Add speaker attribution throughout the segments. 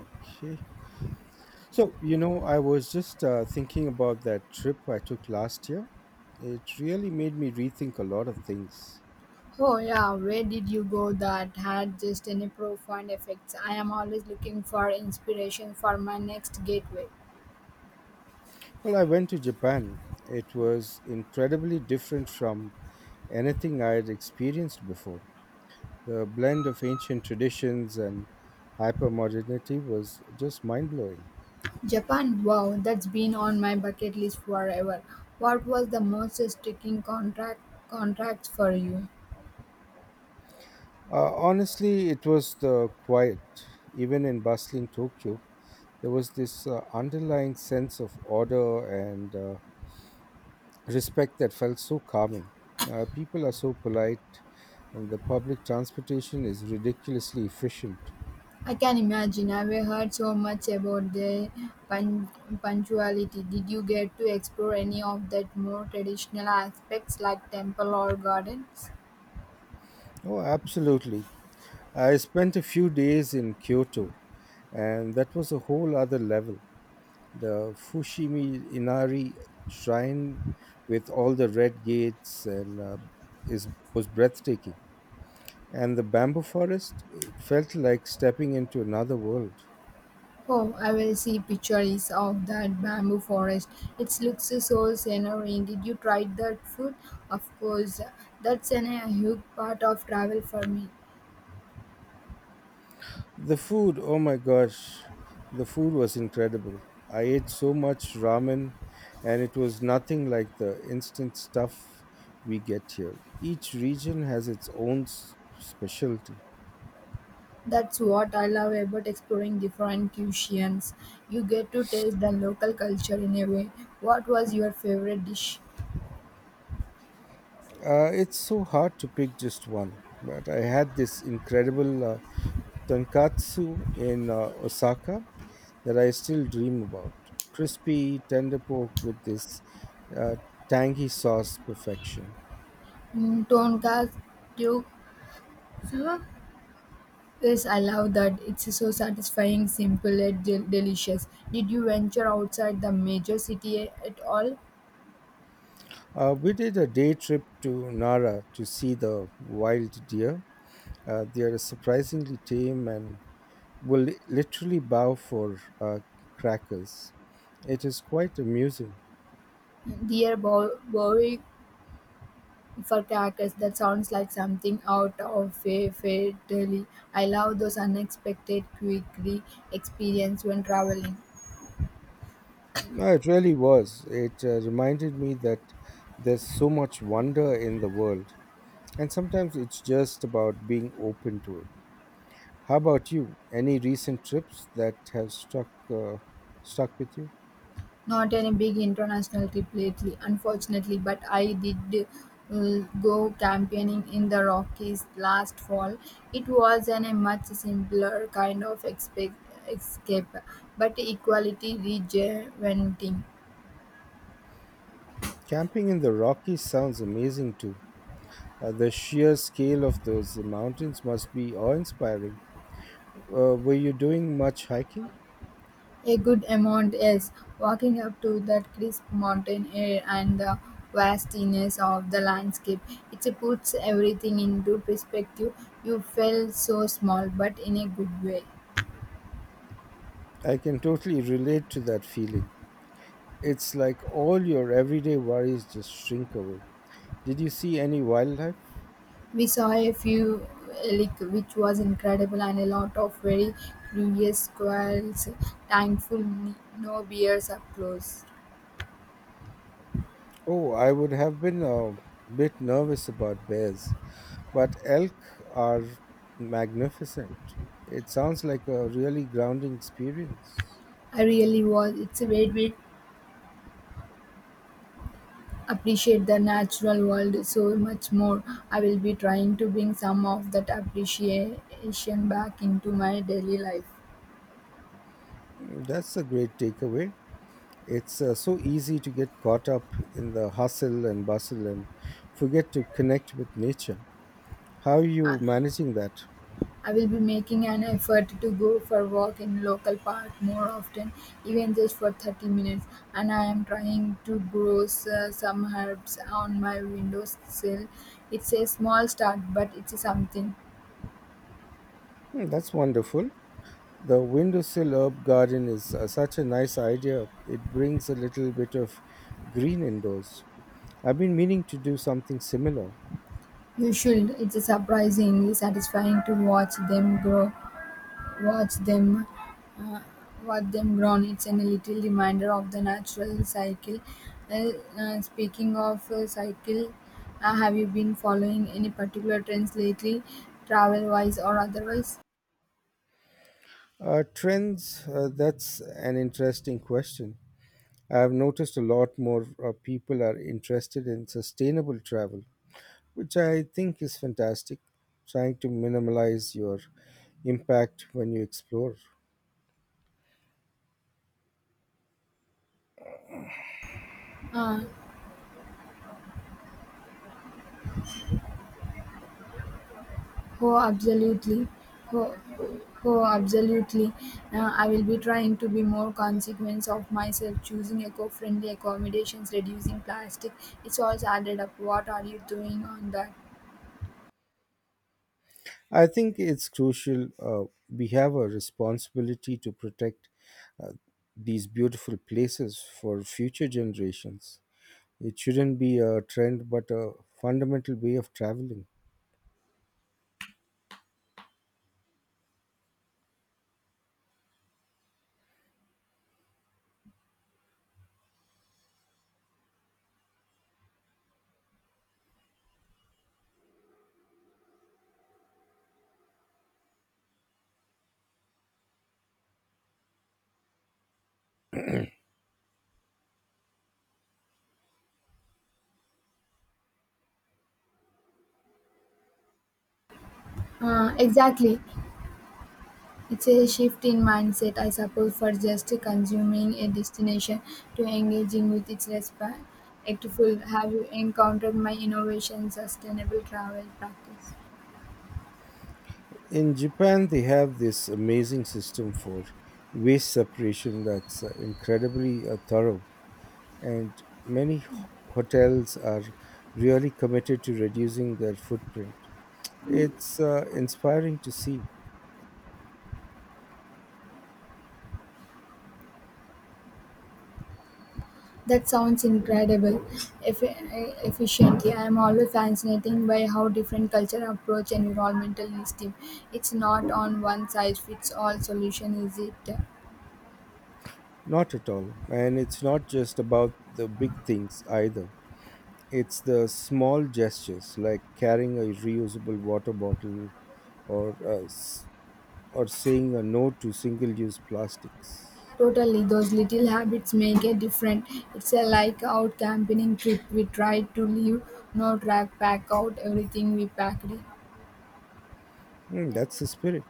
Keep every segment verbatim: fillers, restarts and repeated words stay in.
Speaker 1: Okay. So, you know, I was just uh, thinking about that trip I took last year. It really made me rethink a lot of things.
Speaker 2: Oh yeah, where did you go that had just any profound effects? I am always looking for inspiration for my next gateway.
Speaker 1: Well, I went to Japan. It was incredibly different from anything I had experienced before. The blend of ancient traditions and hypermodernity was just mind blowing.
Speaker 2: Japan, wow, that's been on my bucket list forever. What was the most striking contract contracts for you?
Speaker 1: Uh, honestly, it was the quiet. Even in bustling Tokyo, there was this uh, underlying sense of order and uh, respect that felt so calming. Uh, people are so polite, and the public transportation is ridiculously efficient.
Speaker 2: I can imagine. I've heard so much about the pun- punctuality. Did you get to explore any of that more traditional aspects like temple or gardens?
Speaker 1: Oh, absolutely. I spent a few days in Kyoto, and that was a whole other level. The Fushimi Inari shrine with all the red gates and uh, is was breathtaking. And the bamboo forest, it felt like stepping into another world.
Speaker 2: Oh, I will see pictures of that bamboo forest. It looks so scenery. Did you try that food? Of course, that's an, a huge part of travel for me.
Speaker 1: The food, oh my gosh, the food was incredible. I ate so much ramen, and it was nothing like the instant stuff we get here. Each region has its own s- specialty.
Speaker 2: That's what I love about exploring different cuisines. You get to taste the local culture in a way. What was your favorite dish?
Speaker 1: Uh, it's so hard to pick just one, but I had this incredible uh, tonkatsu in uh, Osaka that I still dream about. Crispy, tender pork with this uh, tangy sauce, perfection.
Speaker 2: Mm, tonkatsu. Huh? Yes, I love that. It's so satisfying, simple, and del- delicious. Did you venture outside the major city at all?
Speaker 1: Uh, we did a day trip to Nara to see the wild deer. Uh, they are surprisingly tame and will li- literally bow for uh, crackers. It is quite amusing.
Speaker 2: Dear are bow- bowing for crackers. That sounds like something out of a fairy tale. I love those unexpected quickly experience when traveling.
Speaker 1: No, it really was. It uh, reminded me that there's so much wonder in the world, and sometimes it's just about being open to it. How about you? Any recent trips that have stuck uh, stuck with you?
Speaker 2: Not any big international trip lately, unfortunately, but I did uh, go campaigning in the Rockies last fall. It was an, a much simpler kind of expect, escape, but equally rejuvenating.
Speaker 1: Camping in the Rockies sounds amazing too. Uh, the sheer scale of those mountains must be awe inspiring. Uh, were you doing much hiking?
Speaker 2: A good amount, yes. Walking up to that crisp mountain air and the vastiness of the landscape, it puts everything into perspective. You felt so small, but in a good way.
Speaker 1: I can totally relate to that feeling. It's like all your everyday worries just shrink away. Did you see any wildlife?
Speaker 2: We saw a few elk, which was incredible, and a lot of very curious squirrels. Thankful, no bears up close.
Speaker 1: Oh, I would have been a bit nervous about bears, but elk are magnificent. It sounds like a really grounding experience.
Speaker 2: I really was. It's a great way appreciate the natural world so much more. I will be trying to bring some of that appreciation back into my daily life.
Speaker 1: Mm, that's a great takeaway. It's uh, so easy to get caught up in the hustle and bustle and forget to connect with nature. How are you managing that?
Speaker 2: I will be making an effort to go for a walk in local park more often, even just for thirty minutes. And I am trying to grow s- uh, some herbs on my windowsill. It's a small start, but it's something.
Speaker 1: Hmm, that's wonderful. The windowsill herb garden is uh, such a nice idea. It brings a little bit of green indoors. I've been meaning to do something similar.
Speaker 2: You should. It's surprisingly satisfying to watch them grow. Watch them, uh, watch them grown. It's an, a little reminder of the natural cycle. Uh, uh, speaking of uh, cycle, uh, have you been following any particular trends lately, travel-wise or otherwise?
Speaker 1: Uh, trends, uh, that's an interesting question. I have noticed a lot more uh, people are interested in sustainable travel, which I think is fantastic, trying to minimize your impact when you explore.
Speaker 2: Uh, oh, absolutely. Oh, oh absolutely. Uh, I will be trying to be more consequence of myself, choosing eco-friendly accommodations, reducing plastic. It's all added up. What are you doing on that?
Speaker 1: I think it's crucial. Uh, we have a responsibility to protect uh, these beautiful places for future generations. It shouldn't be a trend, but a fundamental way of traveling.
Speaker 2: Uh, exactly. It's a shift in mindset, I suppose, for just consuming a destination to engaging with its respectful. Have you encountered my innovation sustainable travel practice?
Speaker 1: In Japan, they have this amazing system for waste separation that's uh, incredibly uh, thorough, and many ho- hotels are really committed to reducing their footprint. It's uh, inspiring to see.
Speaker 2: That sounds incredible. Eff- efficiently, I am always fascinated by how different culture approach environmental issues. It's not on one size fits all solution, is it?
Speaker 1: Not at all. And it's not just about the big things either. It's the small gestures like carrying a reusable water bottle or uh, s- or saying a no to single-use plastics.
Speaker 2: Totally, those little habits make a difference. It's a like out camping trip. We try to leave no track, pack out everything we packed in.
Speaker 1: Mm, that's the spirit.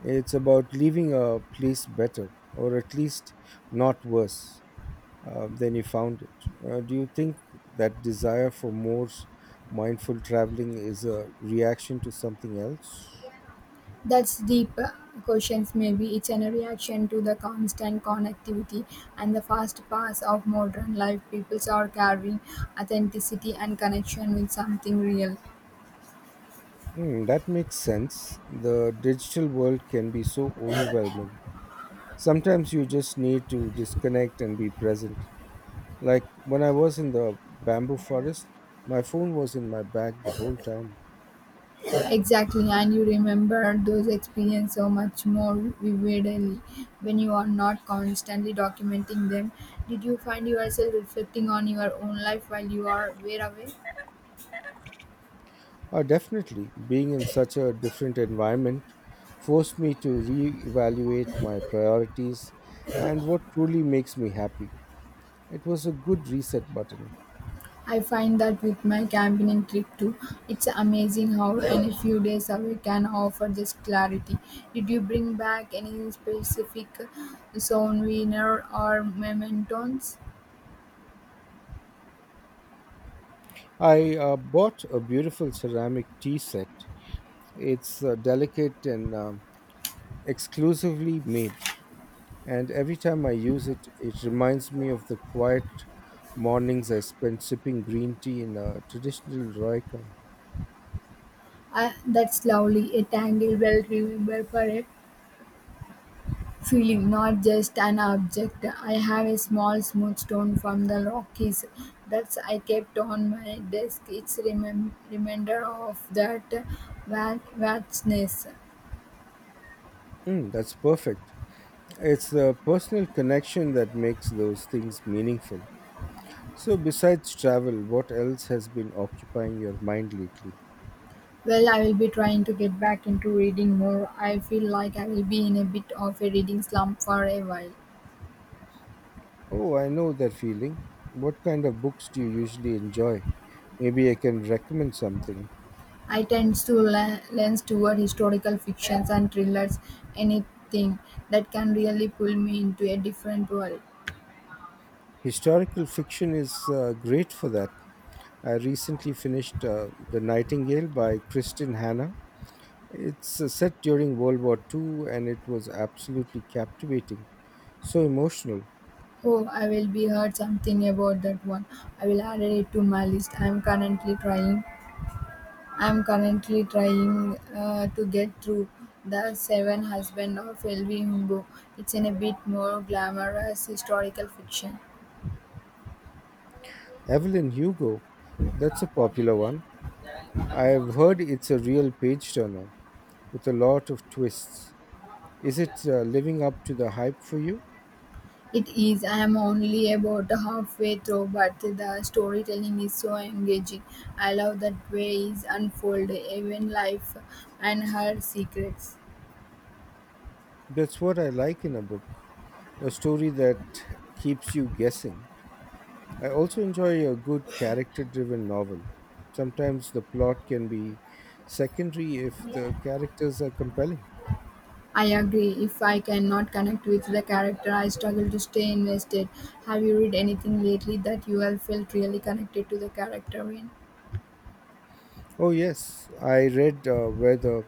Speaker 1: It's about leaving a place better, or at least not worse uh, then you found it. Uh, do you think that desire for more s- mindful traveling is a reaction to something else?
Speaker 2: That's deep uh, questions. Maybe it's a reaction to the constant connectivity and the fast pace of modern life. People are carving authenticity and connection with something real.
Speaker 1: Hmm, that makes sense. The digital world can be so overwhelming. Sometimes you just need to disconnect and be present. Like when I was in the bamboo forest, my phone was in my bag the whole time.
Speaker 2: Exactly, and you remember those experiences so much more vividly when you are not constantly documenting them. Did you find yourself reflecting on your own life while you are were away?
Speaker 1: Uh, definitely, being in such a different environment forced me to reevaluate my priorities and what truly makes me happy. It was a good reset button.
Speaker 2: I find that with my campaigning trip too, it's amazing how any few days away can offer this clarity. Did you bring back any specific souvenir or mementos?
Speaker 1: I uh, bought a beautiful ceramic tea set. It's uh, delicate and um, exclusively made, and every time I use it, it reminds me of the quiet mornings I spent sipping green tea in a traditional Roycan.
Speaker 2: I, that's lovely, a tangled well remembered for forever. Feeling, not just an object. I have a small smooth stone from the Rockies that I kept on my desk. It's remem- reminder of that va- vastness.
Speaker 1: Mm, that's perfect. It's the personal connection that makes those things meaningful. So, besides travel, what else has been occupying your mind lately?
Speaker 2: Well, I will be trying to get back into reading more. I feel like I will be in a bit of a reading slump for a while.
Speaker 1: Oh, I know that feeling. What kind of books do you usually enjoy? Maybe I can recommend something.
Speaker 2: I tend to le- lens toward historical fictions and thrillers, anything that can really pull me into a different world.
Speaker 1: Historical fiction is uh, great for that. I recently finished uh, The Nightingale by Kristin Hanna. It's uh, set during World War two, and it was absolutely captivating. So emotional.
Speaker 2: Oh, I will be heard something about that one. I will add it to my list. I am currently trying. I am currently trying uh, to get through the Seven Husband of L V. Humbo. It's in a bit more glamorous historical fiction.
Speaker 1: Evelyn Hugo, that's a popular one. I've heard it's a real page turner with a lot of twists. Is it uh, living up to the hype for you?
Speaker 2: It is. I am only about halfway through, but the storytelling is so engaging. I love that way is unfolded, even life and her secrets.
Speaker 1: That's what I like in a book, a story that keeps you guessing. I also enjoy a good character driven novel. Sometimes the plot can be secondary if the characters are compelling.
Speaker 2: I agree. If I cannot connect with the character, I struggle to stay invested. Have you read anything lately that you have felt really connected to the character in?
Speaker 1: Oh, yes, I read uh, Where the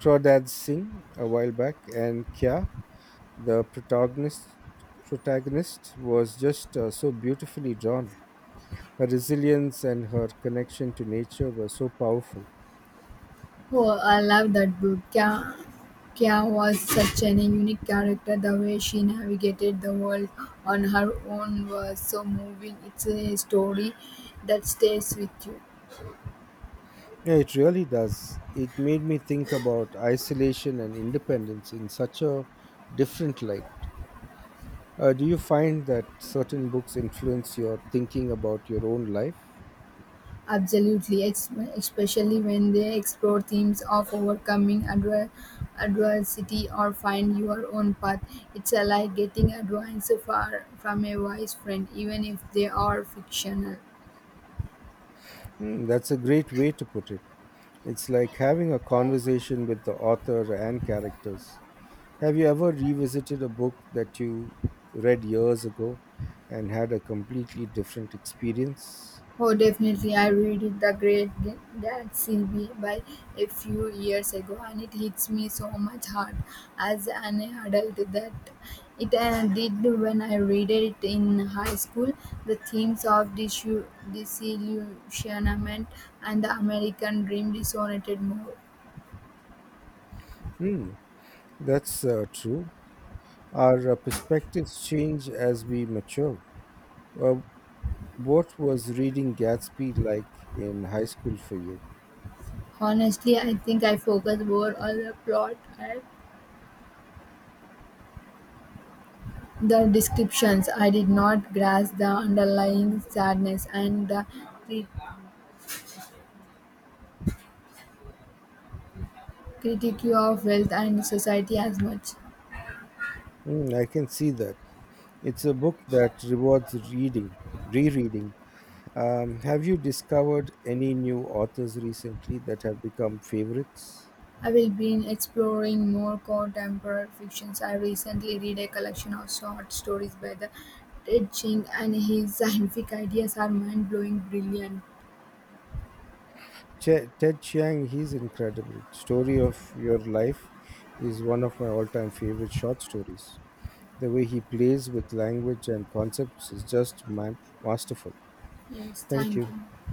Speaker 1: Crawdads Sing a while back, and Kya, the protagonist protagonist was just uh, so beautifully drawn. Her resilience and her connection to nature were so powerful.
Speaker 2: Oh, I love that book. Kya, Kya was such an unique character. The way she navigated the world on her own was so moving. It's a story that stays with you.
Speaker 1: Yeah, it really does. It made me think about isolation and independence in such a different light. Uh, do you find that certain books influence your thinking about your own life?
Speaker 2: Absolutely, ex- especially when they explore themes of overcoming adver- adversity or find your own path. It's a like getting advice far- from a wise friend, even if they are fictional.
Speaker 1: Hmm, that's a great way to put it. It's like having a conversation with the author and characters. Have you ever revisited a book that you read years ago and had a completely different experience?
Speaker 2: Oh, definitely. I read it, The Great Ga- Gatsby by a few years ago, and it hits me so much hard as an adult that it uh, did when I read it in high school. The themes of disu- disillusionment and the American dream resonated more.
Speaker 1: Hmm, that's uh, true. Our uh, perspectives change as we mature. Well, what was reading Gatsby like in high school for you?
Speaker 2: Honestly, I think I focused more on the plot and the descriptions. I did not grasp the underlying sadness and the critique of wealth and society as much.
Speaker 1: Hmm, I can see that. It's a book that rewards reading, rereading. Um, have you discovered any new authors recently that have become favorites?
Speaker 2: I will be exploring more contemporary fictions. I recently read a collection of short stories by the Ted Ching and his scientific ideas are mind blowing brilliant.
Speaker 1: Che- Ted Chiang, he's incredible. Story of Your Life is one of my all time favorite short stories. The way he plays with language and concepts is just man- masterful.
Speaker 2: Yes,
Speaker 1: Thank
Speaker 2: thank
Speaker 1: you.
Speaker 2: you.